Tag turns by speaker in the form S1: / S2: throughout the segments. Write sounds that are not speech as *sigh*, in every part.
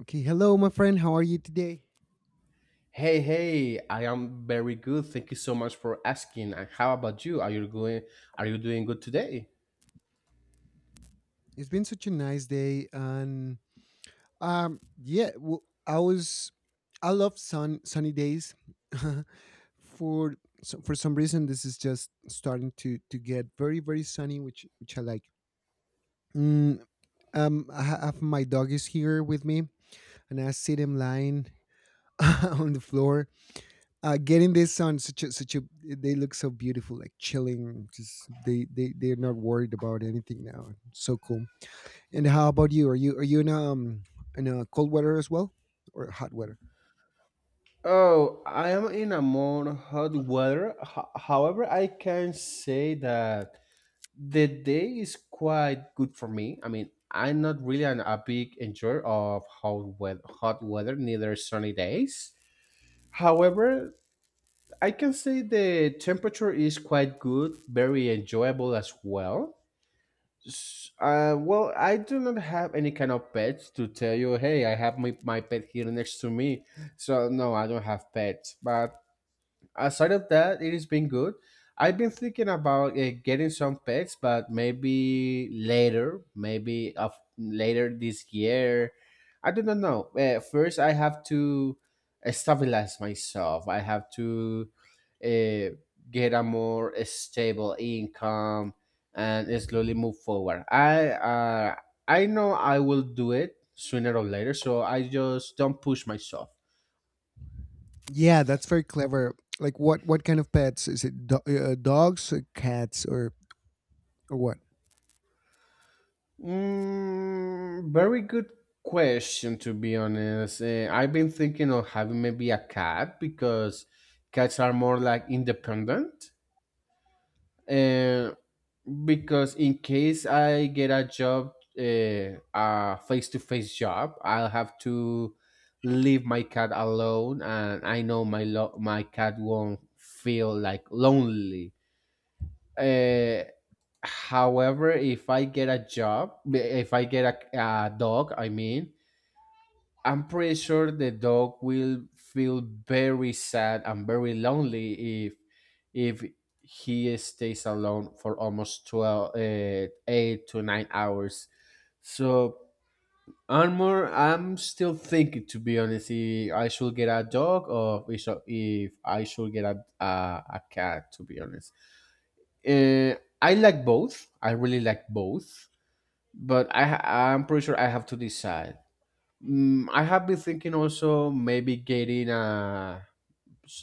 S1: Okay, hello, my friend. How are you today?
S2: Hey, hey, I am very good. Thank you so much for asking. And how about you? Are you doing good today?
S1: It's been such a nice day, and yeah, w I I was, I love sunny days. *laughs* for so for some reason, this is just starting to get very sunny, which I like. Mm, I have my dog is here with me, and I see them lying *laughs* on the floor, getting this sun. Such a such a They look so beautiful, like chilling. Just they're not worried about anything now. So cool. And how about you? Are you in a cold weather as well or hot weather?
S2: Oh, I am in a more hot weather. However, I can say that the day is quite good for me. I mean, I'm not really a big enjoyer of hot weather, neither sunny days. However, I can say the temperature is quite good, very enjoyable as well. I do not have any kind of pets to tell you, hey, I have my pet here next to me. So, no, I don't have pets. But aside of that, it has been good. I've been thinking about getting some pets, but maybe later, maybe of later this year. I do not know. First, I have to stabilize myself. I have to uh, get a more stable income and slowly move forward. I know I will do it sooner or later, so I just don't push myself.
S1: Yeah, that's very clever. Like what kind of pets is it? Dogs, or cats, or what?
S2: Mm, very good question, to be honest. I've been thinking of having maybe a cat because cats are more like independent. Eh, because in case I get a job, a face to face job, I'll have to leave my cat alone, and I know my cat won't feel like lonely. Uh, However, if I get a job, if I get a dog, I mean, I'm pretty sure the dog will feel very sad and very lonely if if he stays alone for almost 12, 8 to 9 hours. So I'm still thinking, to be honest, if I should get a dog or if I should get a cat, to be honest. Uh, I like both. I really like both, but I'm pretty sure I have to decide. Mm, I have been thinking also maybe getting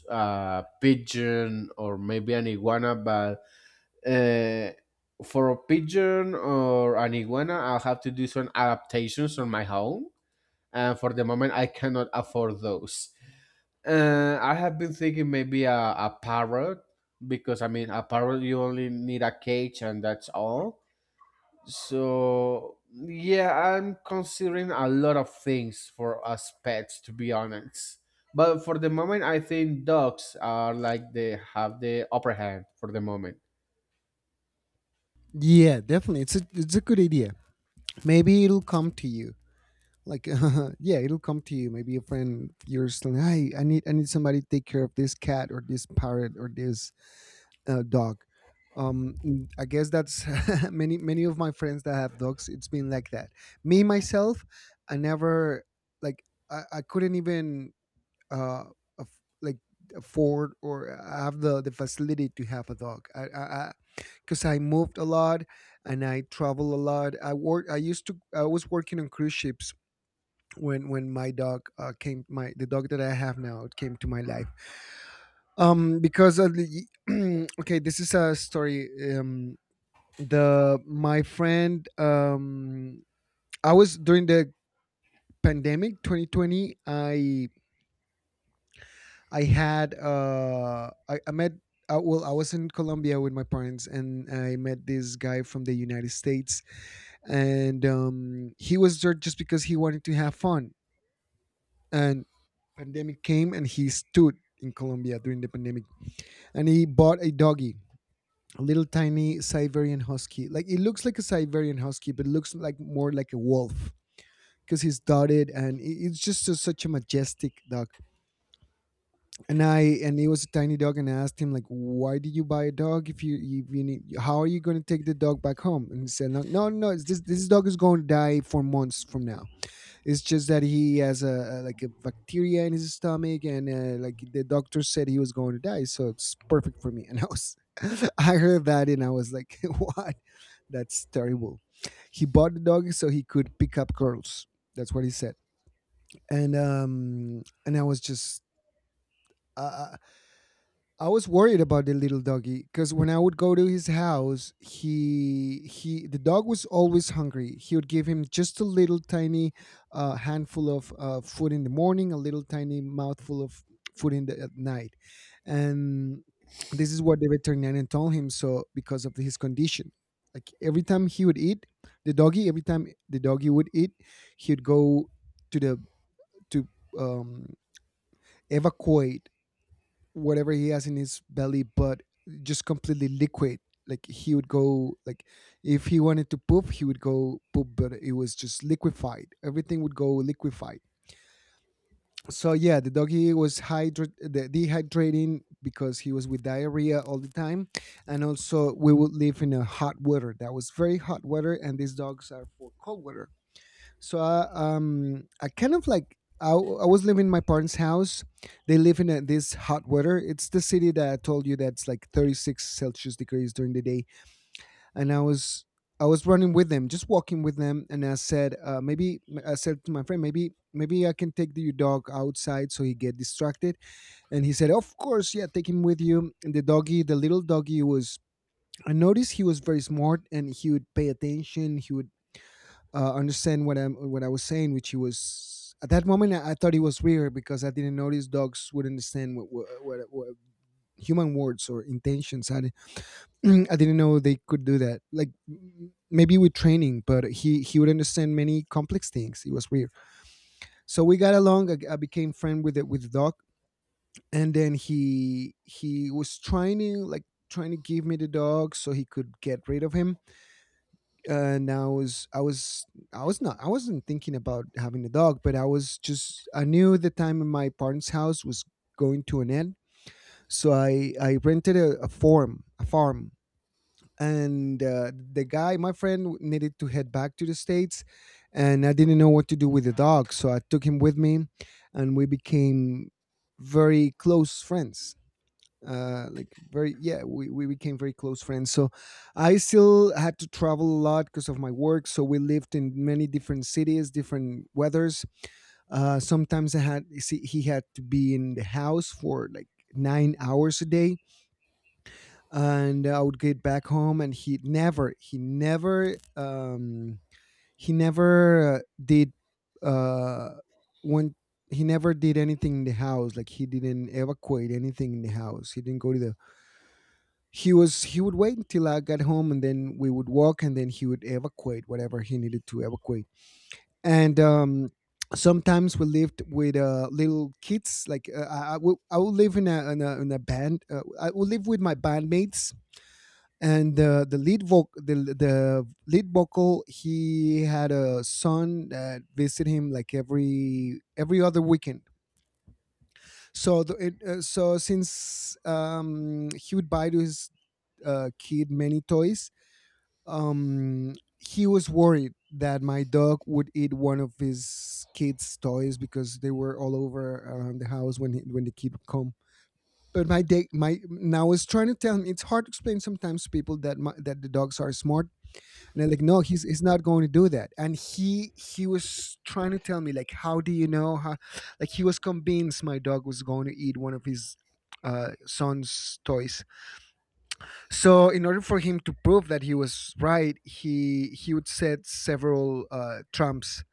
S2: a pigeon or maybe an iguana, but uh, for a pigeon or an iguana, I'll have to do some adaptations on my home, and for the moment, I cannot afford those. I have been thinking maybe a parrot because I mean a parrot you only need a cage and that's all. So yeah, I'm considering a lot of things for us pets, to be honest. But for the moment I think dogs are like they have the upper hand for the moment.
S1: Yeah, definitely. It's a good idea. Maybe it'll come to you. Like *laughs* yeah, it'll come to you. Maybe a friend of yours, like, hey, I need somebody to take care of this cat or this parrot or this dog. I guess that's *laughs* many of my friends that have dogs. It's been like that. Me myself, I never like I couldn't even uh like afford or have the facility to have a dog. I because 'cause I moved a lot and I travel a lot. I work. I used to. I was working on cruise ships when my dog came. My the dog that I have now came to my life because of *clears throat* okay, this is a story. Um the My friend, I was during the pandemic 2020. I met well, I was in Colombia with my parents, and I met this guy from the United States, and he was there just because he wanted to have fun, and pandemic came and he stood in Colombia during the pandemic, and he bought a doggy, a little tiny Siberian husky. Like, it looks like a Siberian husky, but it looks like more like a wolf because he's dotted and it's just a, such a majestic dog. And he was a tiny dog, and I asked him like, "Why did you buy a dog if you need? How are you going to take the dog back home?" And he said, "No, no, no. It's this dog is going to die for months from now. It's just that he has a like a bacteria in his stomach, and like the doctor said he was going to die, so it's perfect for me." And I was. *laughs* I heard that and I was like, *laughs* "What? That's terrible. He bought the dog so he could pick up girls." That's what he said. And I was just, uh, I was worried about the little doggy because when I would go to his house, he the dog was always hungry. He would give him just a little tiny handful of food in the morning, a little tiny mouthful of food in the at night, and this is what the veterinarian told him. So because of his condition, like every time he would eat, the doggy every time the doggy would eat, he'd go to the to um, evacuate whatever he has in his belly, but just completely liquid. Like he would go like if he wanted to poop, he would go poop, but it was just liquefied. Everything would go liquefied. So yeah, the doggy the dehydrating because he was with diarrhea all the time, and also we would live in a hot weather that was very hot weather, and these dogs are for cold weather. So I kind of like I was living in my parents' house. They live in this hot weather. It's the city that I told you that's like 36 Celsius degrees during the day, and I was running with them, just walking with them, and I said maybe I said to my friend maybe I can take your dog outside so he get distracted, and he said, of course, yeah, take him with you. And the doggy, the little doggy was. I noticed he was very smart and he would pay attention. He would understand what I was saying, which he was at that moment. I thought it was weird because I didn't notice dogs would understand what human words or intentions. *clears throat* I didn't know they could do that. Like maybe with training, but he would understand many complex things. It was weird. So we got along. I became friend with with the dog, and then he was trying to like trying to give me the dog so he could get rid of him, and I wasn't thinking about having a dog, but I was just I knew the time in my parents' house was going to an end, so I rented a farm, and the guy, my friend, needed to head back to the states, and I didn't know what to do with the dog, so I took him with me, and we became very close friends. Like very yeah We became very close friends, so I still had to travel a lot because of my work, so we lived in many different cities, different weathers. Sometimes he had to be in the house for like 9 hours a day, and I would get back home, and he never did uh when he never did anything in the house. Like he didn't evacuate anything in the house, he didn't go to the he would wait until I got home, and then we would walk, and then he would evacuate whatever he needed to evacuate. And sometimes we lived with little kids. Like I would live in in a band. I would live with my bandmates, and the lead voc the lead vocal, he had a son that visited him like every other weekend. So so since he would buy to his kid many toys. He was worried that my dog would eat one of his kid's toys because they were all over around the house when the kid would come, but my day my now is trying to tell him it's hard to explain sometimes to people that that the dogs are smart. And I'm like, no, he's not going to do that. And he was trying to tell me, like, how do you know? How Like, he was convinced my dog was going to eat one of his son's toys. So, in order for him to prove that he was right, he would set several trumps,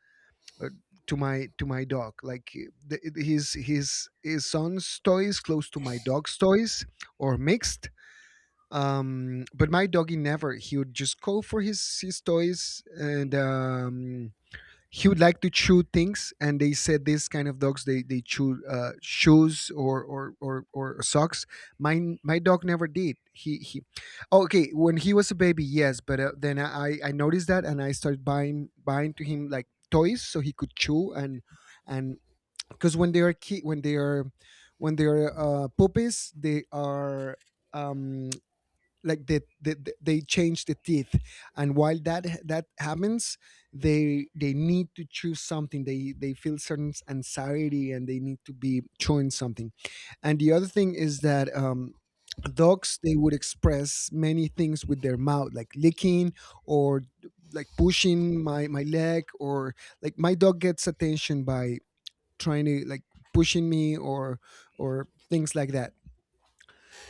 S1: uh, to my dog. Like his son's toys close to my dog's toys, or mixed. But my doggy never. He would just go for his toys. And he would like to chew things, and they said this kind of dogs, they chew shoes, or, or socks. Mine My dog never did. Okay, when he was a baby, yes, but then I noticed that and I started buying to him like toys so he could chew. And because when they are when they are puppies, they are um like they change the teeth, and while that happens, they need to choose something. They feel certain anxiety and they need to be chewing something. And the other thing is that dogs, they would express many things with their mouth, like licking, or like pushing my leg, or like my dog gets attention by trying to like pushing me, or things like that.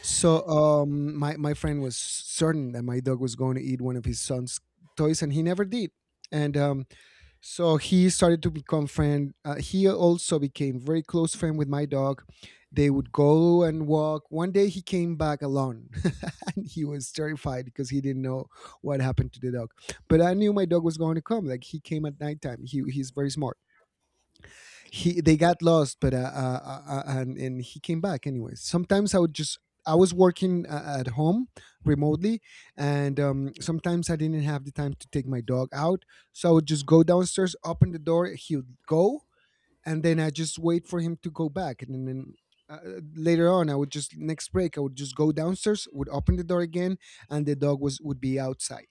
S1: So my friend was certain that my dog was going to eat one of his son's toys, and he never did. And so he started to become friend. He also became very close friend with my dog. They would go and walk. One day he came back alone, *laughs* and he was terrified because he didn't know what happened to the dog. But I knew my dog was going to come. Like, he came at nighttime. He he's very smart. He They got lost, but and he came back anyways. Sometimes I would just I was working at home remotely, and sometimes I didn't have the time to take my dog out, so I would just go downstairs, open the door, he would go, and then I just wait for him to go back, and then later on, I would just next break. I would just go downstairs, would open the door again, and the dog was would be outside.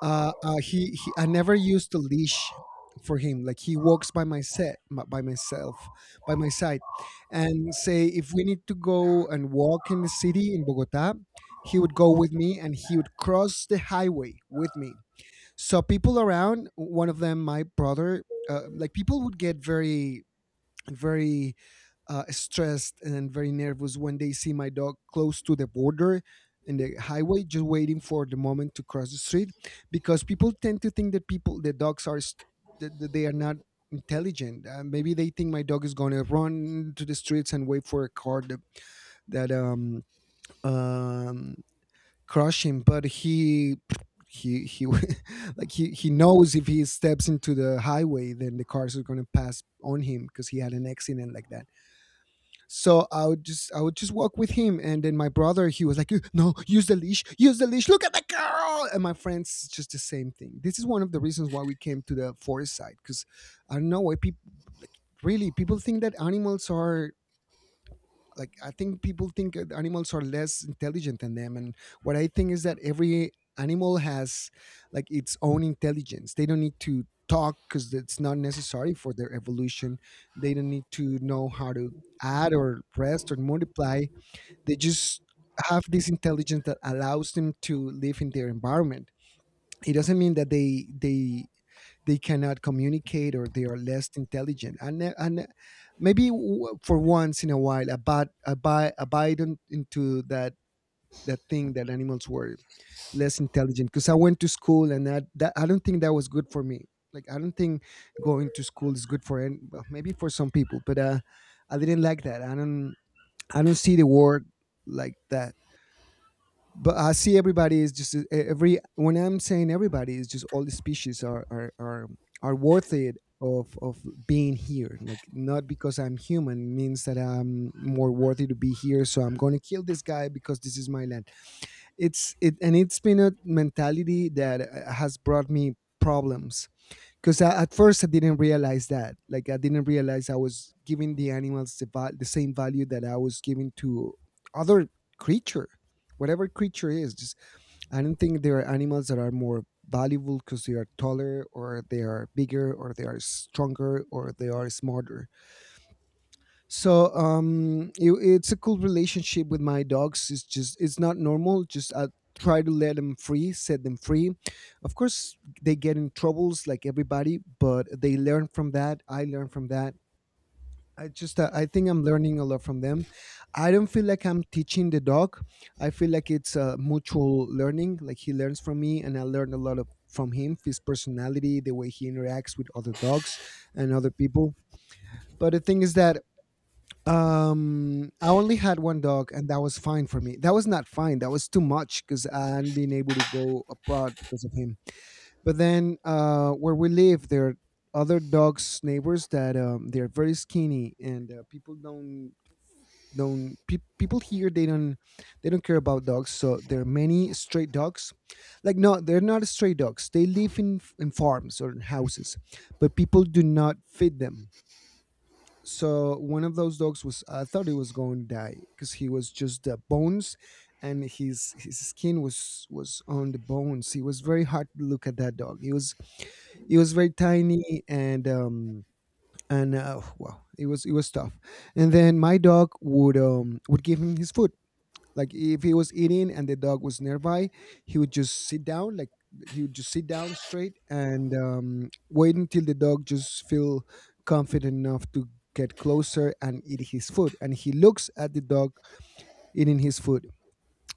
S1: I never used a leash for him. Like he walks by myself, by my side, and say if we need to go and walk in the city in Bogota, he would go with me and he would cross the highway with me. So people around, one of them, my brother, like people would get very stressed and very nervous when they see my dog close to the border in the highway, just waiting for the moment to cross the street, because people tend to think that people the dogs are that they are not intelligent. Maybe they think my dog is going to run to the streets and wait for a car that, that um crush him, but he *laughs* like he knows if he steps into the highway then the cars are going to pass on him, because he had an accident like that. So I would just walk with him, and then my brother he was like, "No, use the leash, use the leash. Look at the girl." And my friends just the same thing. This is one of the reasons why we came to the forest side, because I don't know why people, like, really people think that animals are, like, I think people think that animals are less intelligent than them. And what I think is that every animal has, like, its own intelligence. They don't need to talk because it's not necessary for their evolution. They don't need to know how to add or rest or multiply. They just have this intelligence that allows them to live in their environment. It doesn't mean that they cannot communicate or they are less intelligent. And Maybe for once in a while abide abide abide into that that thing that animals were less intelligent, because I went to school, and that, that I don't think that was good for me. Like I don't think going to school is good for any, well, maybe for some people. But I didn't like that. I don't see the world like that. But I see everybody is just, every, when I'm saying everybody is just all the species are, are worth it of being here. Like, not because I'm human means that I'm more worthy to be here. So I'm going to kill this guy because this is my land. It's it and It's been a mentality that has brought me problems, because at first I didn't realize that. Like I didn't realize I was giving the animals the same value that I was giving to other creature, whatever creature is. Just, I don't think there are animals that are more valuable because they are taller or they are bigger or they are stronger or they are smarter. So it's a cool relationship with my dogs. It's just, it's not normal. Just I try to let them free, set them free. Of course they get in troubles like everybody, but they learn from that, I learn from that. I think I'm learning a lot from them. I don't feel like I'm teaching the dog. I feel like it's a mutual learning, like he learns from me and I learn a lot of from him, his personality, the way he interacts with other dogs and other people. But the thing is that, I only had one dog, and that was fine for me. That was not fine. That was too much because I hadn't been able to go abroad because of him. But then, where we live, there are other dogs, neighbors, that they're very skinny, and people don't people here they don't care about dogs. So there are many stray dogs. Like, no, they're not stray dogs. They live in farms or in houses, but people do not feed them. So one of those dogs was, I thought he was going to die because he was just the bones, and his skin was on the bones. It was very hard to look at that dog. He was, he was very tiny, and wow, it was tough. And then my dog would give him his food. Like if he was eating and the dog was nearby, he would just sit down, like, he would just sit down straight and, wait until the dog just feel confident enough to get closer and eat his food. And he looks at the dog eating his food.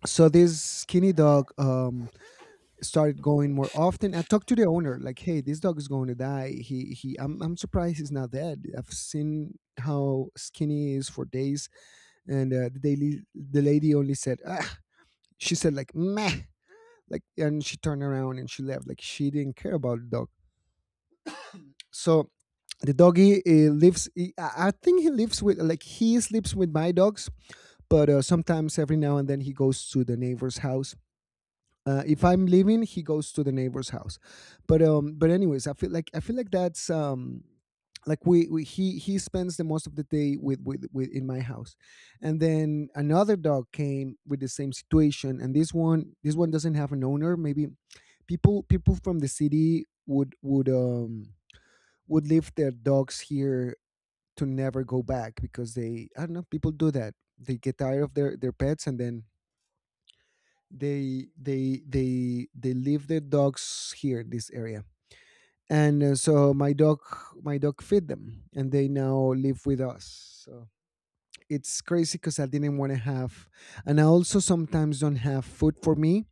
S1: So this skinny dog, started going more often. I talked to the owner, like, "Hey, this dog is going to die. He he. I'm surprised he's not dead. I've seen how skinny he is for days." And the lady only said, *laughs* she said like, meh, like, and she turned around and she left. Like she didn't care about the dog. So the doggy lives. He, I think he lives with, like he sleeps with my dogs, but sometimes every now and then he goes to the neighbor's house. If I'm leaving, he goes to the neighbor's house. But anyways, I feel like that's like we he spends the most of the day with, with in my house. And then another dog came with the same situation, and this one doesn't have an owner. Maybe people from the city would leave their dogs here to never go back, because they, I don't know, people do that. They get tired of their pets, and then they leave their dogs here, this area. And so my dog fed them, and they now live with us. So it's crazy because I didn't want to have, and I also sometimes don't have food for me.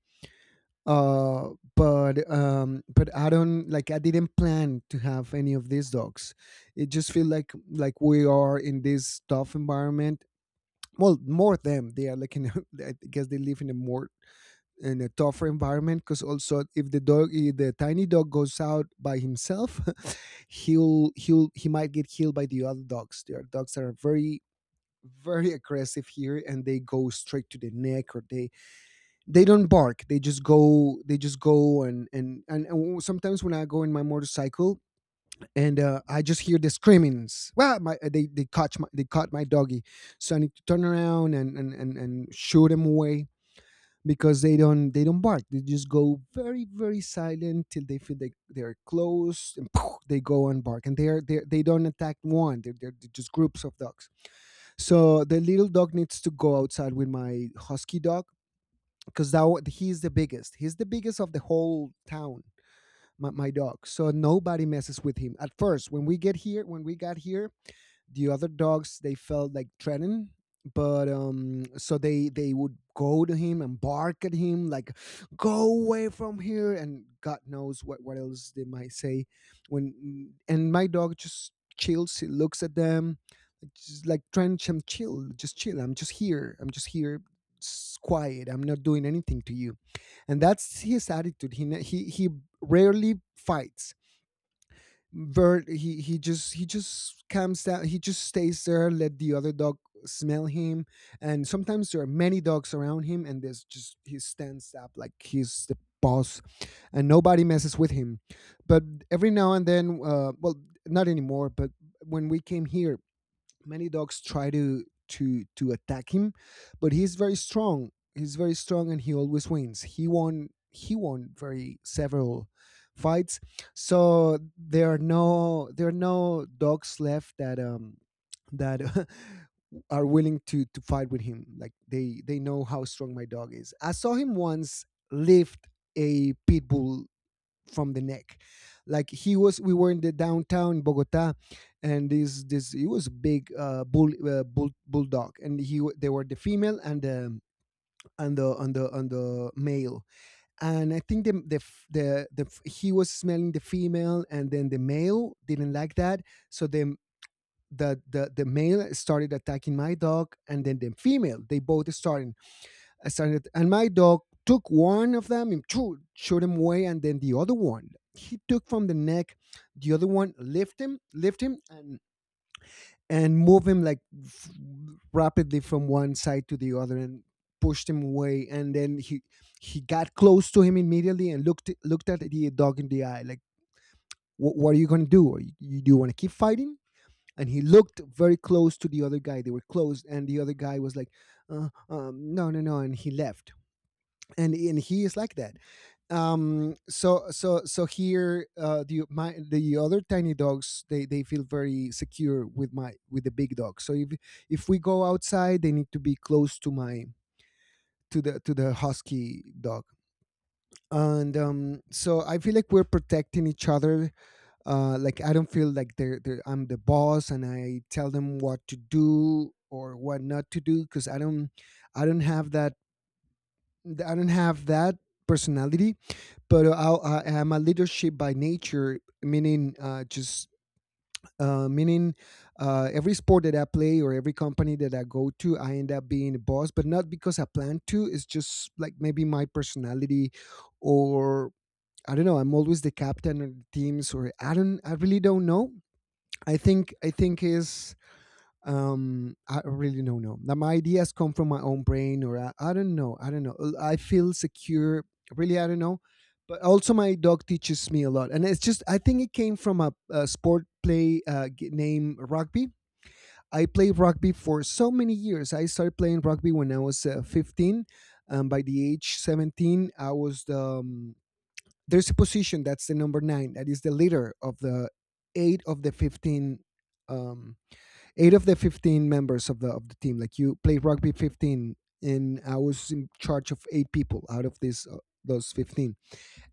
S1: Uh but um but I don't, like, I didn't plan to have any of these dogs. It just feel like we are in this tough environment. Well, more them, they are like in *laughs* I guess they live in a more, in a tougher environment, because also if the dog, if the tiny dog goes out by himself, *laughs* he'll he might get killed by the other dogs. There dogs are very aggressive here, and they go straight to the neck, or they don't bark, they just go, and sometimes when I go in my motorcycle and, I just hear the screamings. Well, my they they caught my doggy, so I need to turn around and shoot him away, because they don't bark. They just go very very silent till they feel like they're close, and poof, they go and bark. And they are, they don't attack one. They're just groups of dogs. So the little dog needs to go outside with my husky dog, because he's the biggest. He's the biggest of the whole town. My dog. So nobody messes with him. At first, when we got here, the other dogs they felt like threatened, but so they would go to him and bark at him, like, "Go away from here!" And God knows what else they might say. When and my dog just chills, he looks at them, like, just like trying to chill, just chill. I'm just here. I'm just here. It's quiet. I'm not doing anything to you, and that's his attitude. He rarely fights. Bert, he just comes down, he just stays there, let the other dog smell him. And sometimes there are many dogs around him, and there's just, he stands up like he's the boss, and nobody messes with him. But every now and then, well, not anymore, but when we came here, many dogs try to attack him, but he's very strong. He's very strong, and he always wins. He won. He won very several fights. So there are no dogs left that that *laughs* are willing to fight with him. Like they know how strong my dog is. I saw him once lift a pit bull from the neck. Like he was, we were in the downtown Bogota, and this he was a big bull, bull bulldog, and they were the female and the and the male, and I think he was smelling the female, and then the male didn't like that, so the the male started attacking my dog, and then the female they both started and my dog took one of them and choo, shot him away, and then the other one he took from the neck, the other one lift him, and move him like f- rapidly from one side to the other, and pushed him away. And then he got close to him immediately and looked at the dog in the eye, like, "What are you gonna do? Are do you want to keep fighting?" And he looked very close to the other guy. They were close, and the other guy was like, "No, no, no," and he left and he is like that. So here, the other tiny dogs, they feel very secure with my with the big dog. So if we go outside, they need to be close to my to the husky dog. And so I feel like we're protecting each other. Like, I don't feel like they're I'm the boss and I tell them what to do or what not to do, because I don't have that. I don't have that personality. But I am a leadership by nature, meaning just meaning, every sport that I play or every company that I go to, I end up being a boss, but not because I plan to. It's just like maybe my personality, or I don't know. I'm always the captain of the teams, or I don't. I really don't know. I think is, I really don't know now. My ideas come from my own brain, or I don't know. I don't know. I feel secure, really. I don't know. But also my dog teaches me a lot, and it's just I think it came from a sport play, named rugby. I played rugby for so many years. I started playing rugby when I was 15. By the age 17, I was the, there's a position that's the number nine that is the leader of the eight of the 15, um, eight of the 15 members of the team. Like, you played rugby 15, and I was in charge of eight people out of this those 15.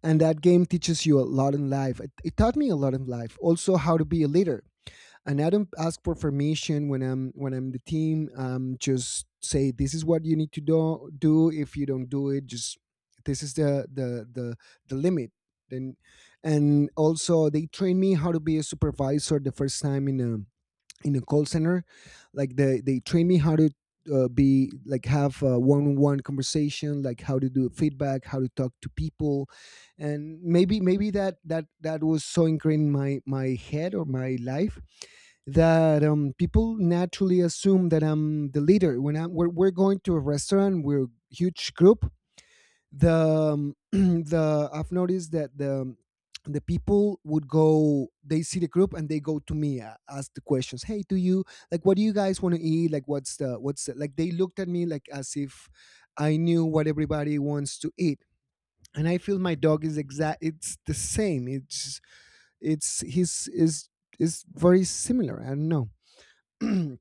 S1: And that game teaches you a lot in life. It taught me a lot in life, also how to be a leader. And I don't ask for permission when I'm the team. Just say this is what you need to do. If you don't do it, just this is the limit. Then, and also they trained me how to be a supervisor the first time in a call center. Like, they trained me how to be like have a one-on-one conversation, like how to do feedback, how to talk to people. And maybe that was so ingrained in my head or my life that, people naturally assume that I'm the leader. When I'm we're going to a restaurant, we're a huge group, the *clears throat* the I've noticed that the people would go, they see the group, and they go to me, ask the questions, hey, do you like, what do you guys want to eat, like what's like they looked at me like as if I knew what everybody wants to eat. And I feel my dog is exact it's the same. It's his is very similar. I don't know. *clears throat*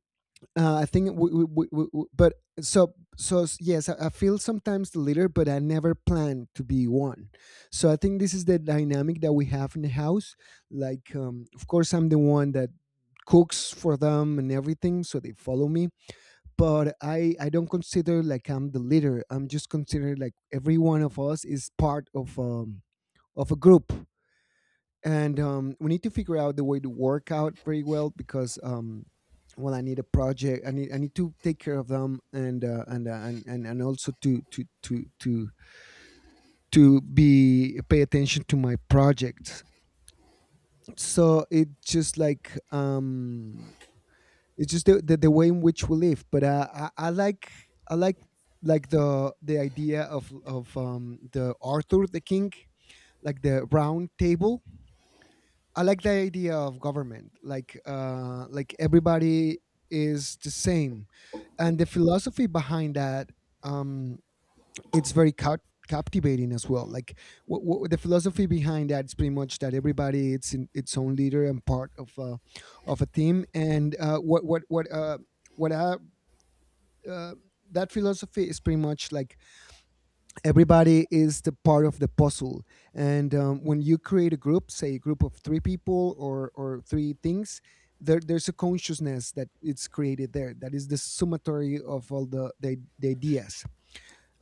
S1: I think, but so so yes, I feel sometimes the leader, but I never plan to be one. So I think this is the dynamic that we have in the house. Like, of course, I'm the one that cooks for them and everything, so they follow me. But I don't consider like I'm the leader. I'm just considered like every one of us is part of a group. And we need to figure out the way to work out very well, because well, I need a project, I need to take care of them, and and also to be pay attention to my project. So it just like, it's just the way in which we live. But I like, i like like the idea of the arthur the king, like the round table. I like the idea of government, like, like everybody is the same, and the philosophy behind that, um, it's very captivating as well. Like, what the philosophy behind that is pretty much that everybody it's in its own leader and part of of a team, and, what I, uh, that philosophy is pretty much like everybody is the part of the puzzle. And when you create a group, say a group of three people or three things, there's a consciousness that it's created there that is the summatory of all the ideas.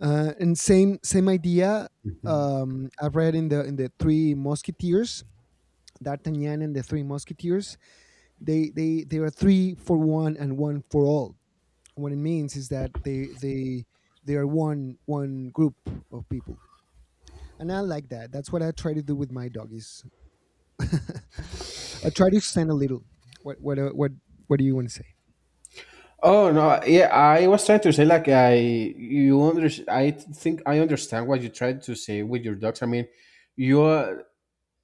S1: And same idea.
S2: Mhm.
S1: I read in the three musketeers, d'artagnan and the three musketeers, they are three for one and one for all. What it means is that they they are one group of people. And I like that. That's what I try to do with my doggies. *laughs* I try to extend a little. What what uh, what what do you want to say?
S2: Oh no, yeah, I was trying to say like I think I understand what you tried to say with your dogs. I mean, you are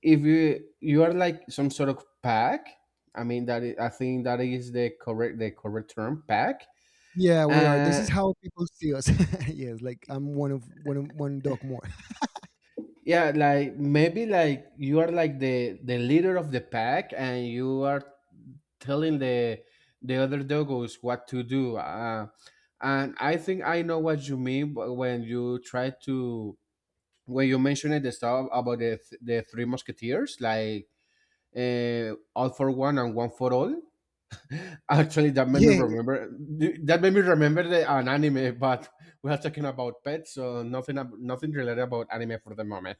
S2: if you are like some sort of pack. I mean that is, I think that is the correct term pack.
S1: Yeah, we are. This
S2: Uh,
S1: is how people see us. *laughs* Yes, like I'm one dog more.
S2: Yeah, like maybe like you are like the leader of the pack, and you are telling the other doggos what to do. And I think I know what you mean when you try to when you mentioned the stuff about the three musketeers, like all for one and one for all. Actually, that
S1: *laughs*
S2: made me
S1: Yeah, yeah,
S2: remember an anime, but *laughs* we are talking about pets, so nothing related about anime for the moment.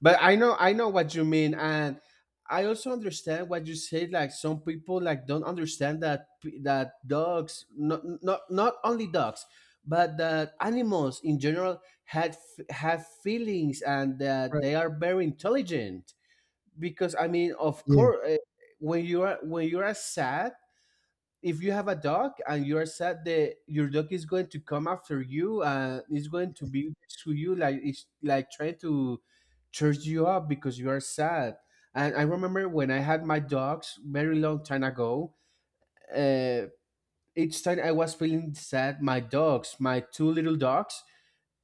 S2: But I know what you mean, and I also understand what you say. Like some people like don't understand that dogs, not only dogs, but that animals in general have feelings and that they
S1: right.
S2: are very intelligent. Because I mean, of
S1: Yeah,
S2: course, when you are sad, if you have a dog and you are sad that your dog is going to come after you and is going to be next to you like it's like trying to church you up because you are sad. And I remember when I had my dogs very long time ago. uh, each time I was feeling sad my dogs, my two little dogs,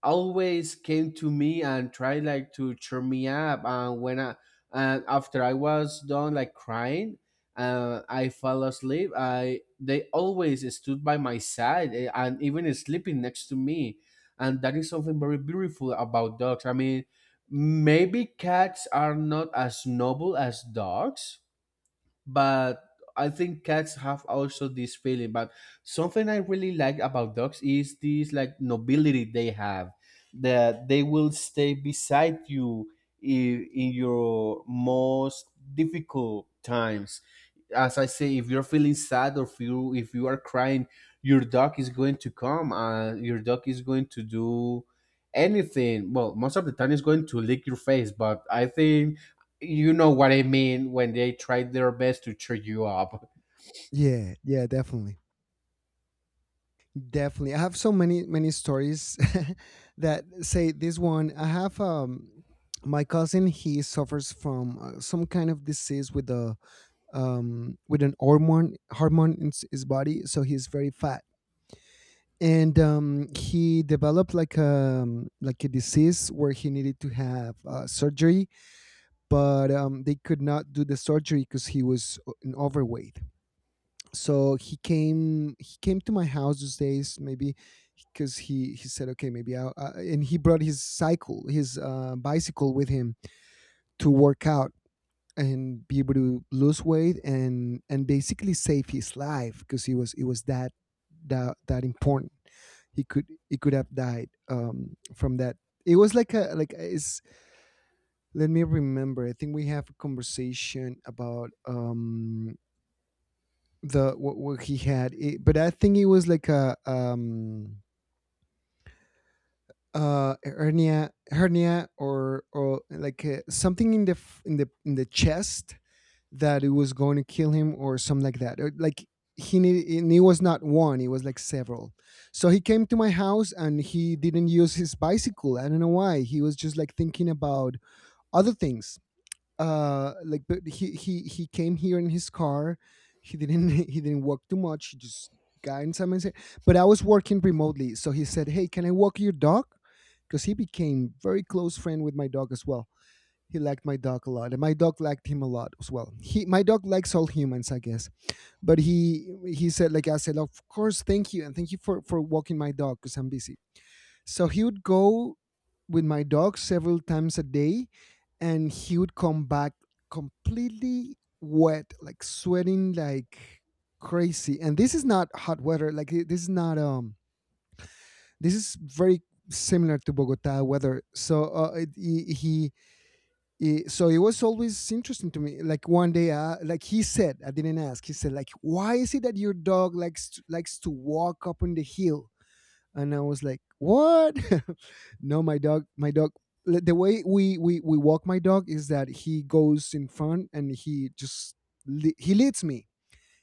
S2: always came to me and tried like to cheer me up. And after I was done like crying, I fell asleep. I They always stood by my side, and even sleeping next to me. And that is something very beautiful about dogs. I mean maybe cats are not as noble as dogs, but I think cats have also this feeling. But something I really like about dogs is this like nobility they have, that they will stay beside you in your most difficult times. As I say, if you're feeling sad or if you are crying, your dog is going to come. Your dog is going to do anything. Well, most of the time, it's going to lick your face. But I think you know what I mean when they try their best to cheer you up.
S1: yeah, yeah, definitely. Definitely. I have so many, many stories. *laughs* That say this one. I have, my cousin, he suffers from, some kind of disease with a, with an hormone in his body, so he's very fat. And, he developed like a disease where he needed to have surgery, but they could not do the surgery because he was in overweight. So he came to my house those days. Maybe because he said, okay, maybe I'll, and he brought his cycle, his, bicycle with him to work out and be able to lose weight and basically save his life, because he was it was that that important. He could have died, from that. It was like a it's, let me remember. I think we have a conversation about, the what he had it, but I think it was like a, hernia, or like, something in in the chest, that it was going to kill him or something like that. Or, like, he need, and it was not one, it was like several. So he came to my house and he didn't use his bicycle. I don't know why. He was just like thinking about other things. Like but He came here in his car. He didn't *laughs* He didn't walk too much, he just got inside and said, but I was working remotely, so he said, hey, can I walk your dog? Because he became very close friend with my dog as well. He liked my dog a lot and my dog liked him a lot as well. He My dog likes all humans, I guess. But he said, like, I said, of course, thank you, and thank you for walking my dog, because I'm busy. So he would go with my dog several times a day, and he would come back completely wet, like sweating like crazy. And this is not hot weather. Like, this is not This is very similar to Bogota weather. So, it, he- so it was always interesting to me. Like one day, like he said, I didn't ask. He said, like, why is it that your dog likes to, likes to walk up on the hill? And I was like, "What? *laughs* No, my dog, my dog. The way we walk my dog is that he goes in front and he just he leads me.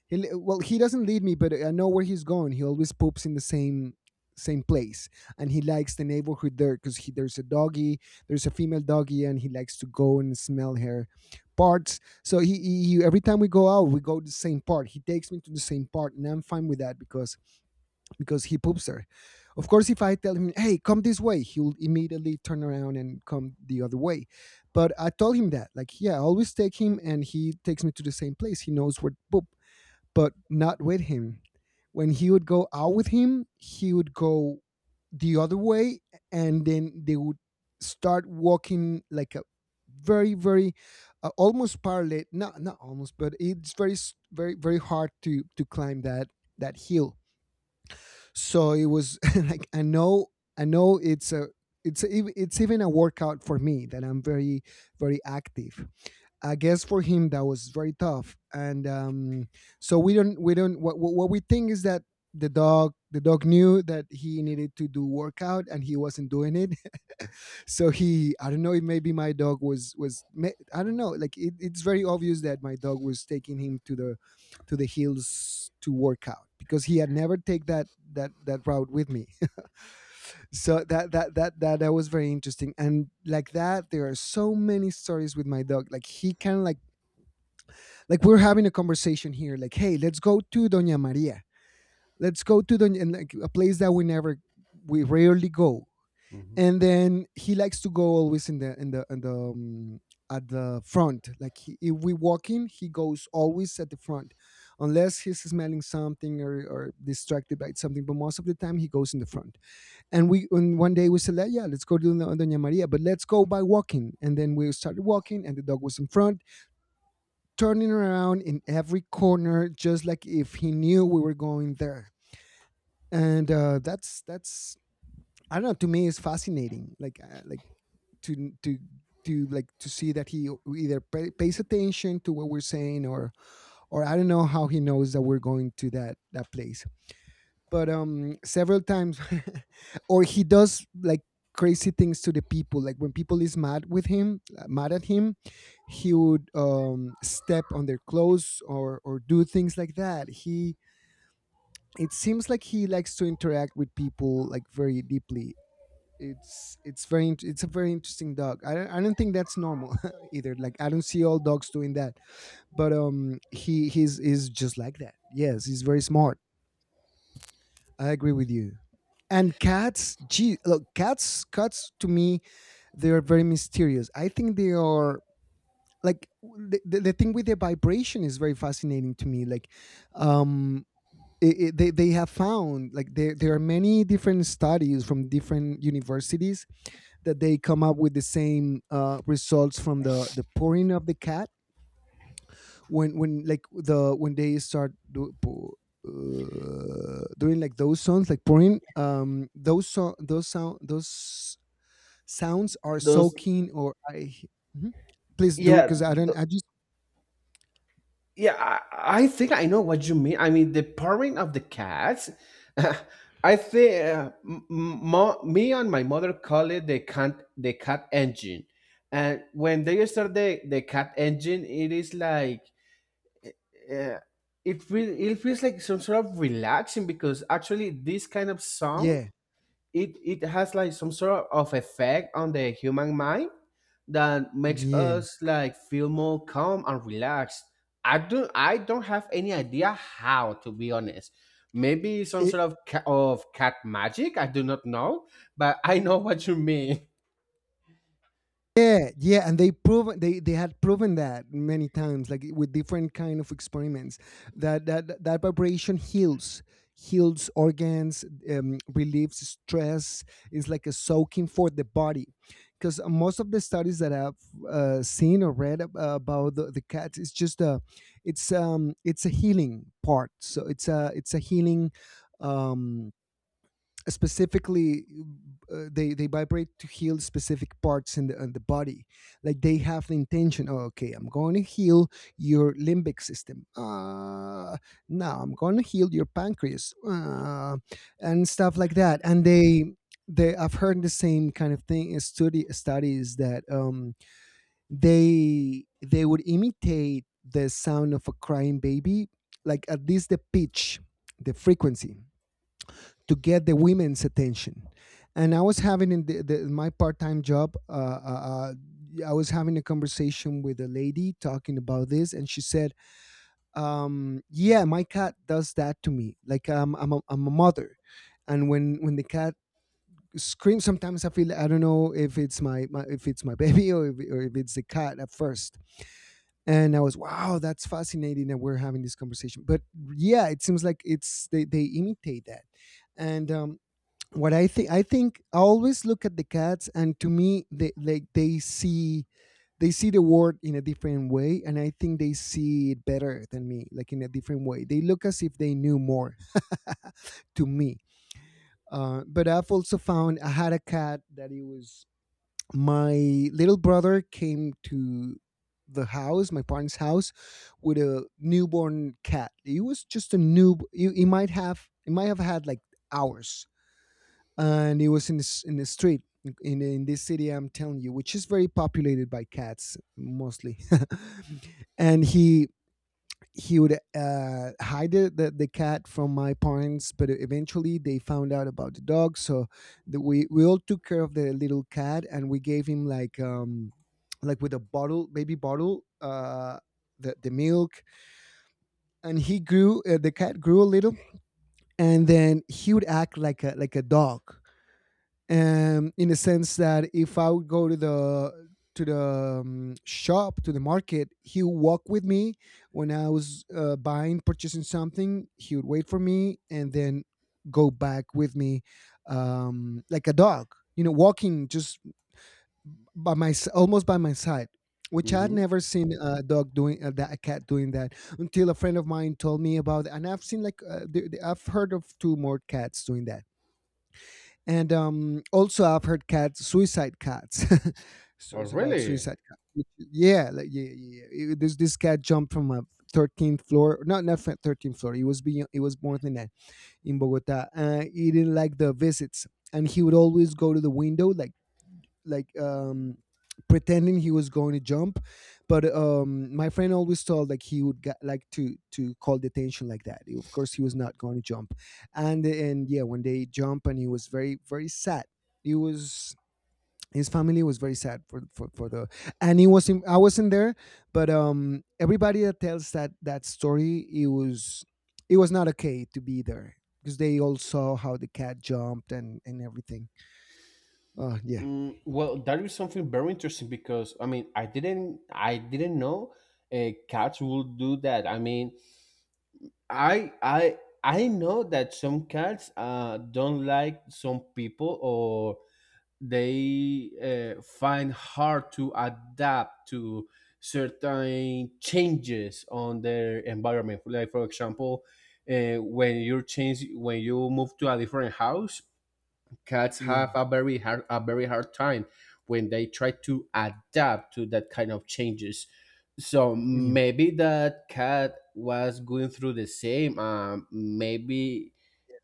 S1: Well, he doesn't lead me, but I know where he's going. He always poops in the same place, and he likes the neighborhood there because he there's a female doggy, and he likes to go and smell her parts. So every time we go out, we go to the same part. He takes me to the same part, and I'm fine with that because he poops there. Of course, if I tell him, "Hey, come this way," he'll immediately turn around and come the other way. But I told him that, like, yeah, I always take him, and he takes me to the same place. He knows where to poop, but not with him. When he would go out with him, he would go the other way, and then they would start walking like a very, very almost parallel. Not almost, but it's very, very hard to climb that hill, so it was, *laughs* like, I know, it's a, it's even a workout for me, that I'm very very active. I guess for him that was very tough, and so we don't, what we think is that the dog knew that he needed to do workout and he wasn't doing it, so he I don't know if maybe my dog was, I don't know, like, it's very obvious that my dog was taking him to the hills to work out, because he had never take that route with me. *laughs* So that was very interesting, and like that, there are so many stories with my dog, like he can, like, we're having a conversation here, like, hey, let's go to Doña Maria, let's go to Doña, and like a place that we never we rarely go.
S2: Mhm.
S1: And then he likes to go always in the in the in the at the front, like, if we walk in, he goes always at the front, unless he's smelling something, or distracted by something, but most of the time he goes in the front. And we and one day we said, like, yeah, let's go to the Doña Maria, but let's go by walking, and then we started walking, and the dog was in front, turning around in every corner, just like if he knew we were going there. And that's I don't know. To me, it's fascinating. Like, like, to to to see that he either pays attention to what we're saying, or I don't know how he knows that we're going to that place. But several times *laughs* or he does, like, crazy things to the people, like when people is mad with him, mad at him, he would step on their clothes, or do things like that. He, it seems like he likes to interact with people, like, very deeply. It's a very interesting dog. I don't think that's normal, *laughs* either, like, I don't see all dogs doing that. But he's is just like that. Yes, he's very smart. I agree with you. And cats, gee, look, cats, to me, they are very mysterious. I think they are, like, the thing with their vibration is very fascinating to me, like, um they have found, like, there are many different studies from different universities that they come up with the same results from the pouring of the cat. When they start doing, like, those sounds, like, pouring, those, sounds are
S2: Those,
S1: soaking, or I... Mhm. Please do,
S2: yeah,
S1: because I don't I just...
S2: Yeah, I think I know what you mean. I mean, the purring of the cats. *laughs* I think me and my mother call it the cat engine, and when they start the cat engine, it is like uh, it feels like some sort of relaxing because actually this kind of song
S1: Yeah,
S2: it it has like some sort of effect on the human mind that makes
S1: yeah.
S2: us like feel more calm and relaxed. I don't have any idea how, to be honest. Maybe some sort of cat magic. I do not know, but I know *laughs* what you mean.
S1: Yeah, yeah, and they proven, they had proven that many times, like, with different kind of experiments. That vibration heals, heals organs, relieves stress. It's like a soaking for the body, because most of the studies that I've seen or read about the cats, it's a healing part. So it's a healing. Um, Specifically, they vibrate to heal specific parts in the body, like they have the intention, oh, okay, I'm going to heal your limbic system, now I'm going to heal your pancreas, and stuff like that. And they I've heard the same kind of thing, study studies that they would imitate the sound of a crying baby, like, at least the pitch, the frequency, to get the women's attention. And I was having in my part-time job, I was having a conversation with a lady talking about this, and she said, "Yeah, my cat does that to me. Like, I'm a mother, and when the cat screams sometimes I don't know if it's my, my if it's my *laughs* baby, or if it's the cat at first." And I was, wow, that's fascinating that we're having this conversation. But yeah, it seems like it's, they imitate that. And what I think, I always look at the cats, and to me, they, like, they see the world in a different way, and I think they see it better than me, like, in a different way. They look as if they knew more, to me. But I've also found, I had a cat that, it was, my little brother came to the house, my parents' house, with a newborn cat. It was just a new. He might have had, like, hours, and it was in the street, in this city I'm telling you, which is very populated by cats mostly. *laughs* And he would hide the cat from my parents, but eventually they found out about the dog, so the, we all took care of the little cat, and we gave him, like, like, with a bottle baby bottle. The milk. And he grew the cat grew a little, and then he would act like a dog, in the sense that if I would go to the shop to the market, he would walk with me. When I was buying purchasing something, he would wait for me, and then go back with me, like a dog, you know, walking just almost by my side. Which I'd
S2: Mm-hmm.
S1: never seen a dog doing, a cat doing that, until a friend of mine told me about it. And I've seen, like, I've heard of two more cats doing that. And also, I've heard suicide cats, *laughs*
S2: Oh,
S1: stories about
S2: really?
S1: suicide cats. Yeah, like, yeah, yeah, yeah. This cat jumped from a 13th floor, not 13th floor. It was beyond, it was more than that, in Bogota. He didn't like the visits, and he would always go to the window, like, like um pretending he was going to jump, but my friend always told, like, he would get, like, to call the attention, like that, of course he was not going to jump. And yeah, when they jump, and he was very very sad, he was his family was very sad for for the, and I wasn't there, but everybody that tells that story, it was, it was not okay to be there, because they all saw how the cat jumped, and everything. Oh yeah.
S2: Mm, well, that is something very interesting because I mean, I didn't know cats will do that. I mean, I I I know that some cats don't like some people or they find hard to adapt to certain changes on their environment. Like for example, when you change when you move to a different house, cats
S1: Yeah,
S2: have a very hard time when they try to adapt to that kind of changes. So
S1: yeah.
S2: maybe that cat was going through the same. Maybe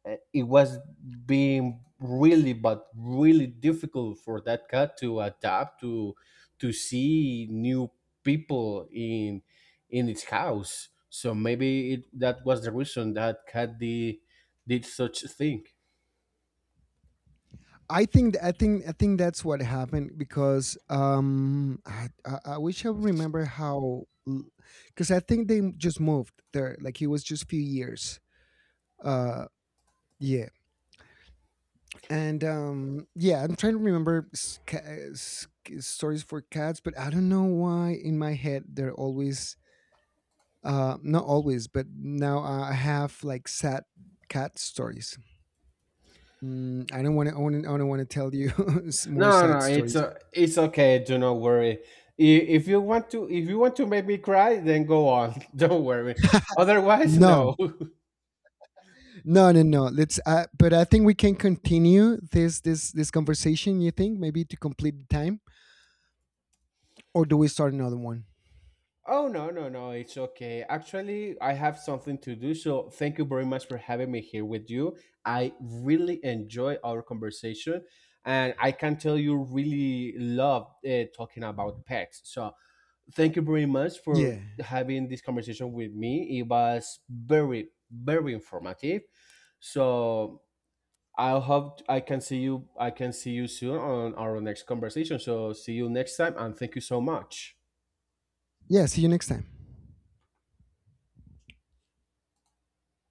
S2: it was being really but really difficult for that cat to adapt to see new people in its house. So that was the reason that cat did such a thing.
S1: I think that's what happened, because I wish I would remember how, because I think they just moved there, like, it was just a few years. Uh, yeah. And yeah, I'm trying to remember stories for cats, but I don't know why in my head they're always, uh, not always, but now I have, like, sad cat stories. Mm, I don't want to tell you, *laughs* more
S2: No,
S1: sad
S2: no,
S1: stories.
S2: it's okay. Do not worry. If you want to, if you want to make me cry, then go on. *laughs* Don't worry. Otherwise,
S1: No.
S2: no. *laughs*
S1: No, no, no. Let's. But I think we can continue this conversation. You think, maybe, to complete the time, or do we start another one?
S2: Oh no, no, no. It's okay. Actually, I have something to do. So thank you very much for having me here with you. I really enjoy our conversation, and I can tell you really love talking about pets. So thank you very much for
S1: Yeah.
S2: having this conversation with me. It was very, very informative. So I hope I can see you. I can see you soon on our next conversation. So see you next time, and thank you so much.
S1: Yeah. See you next time.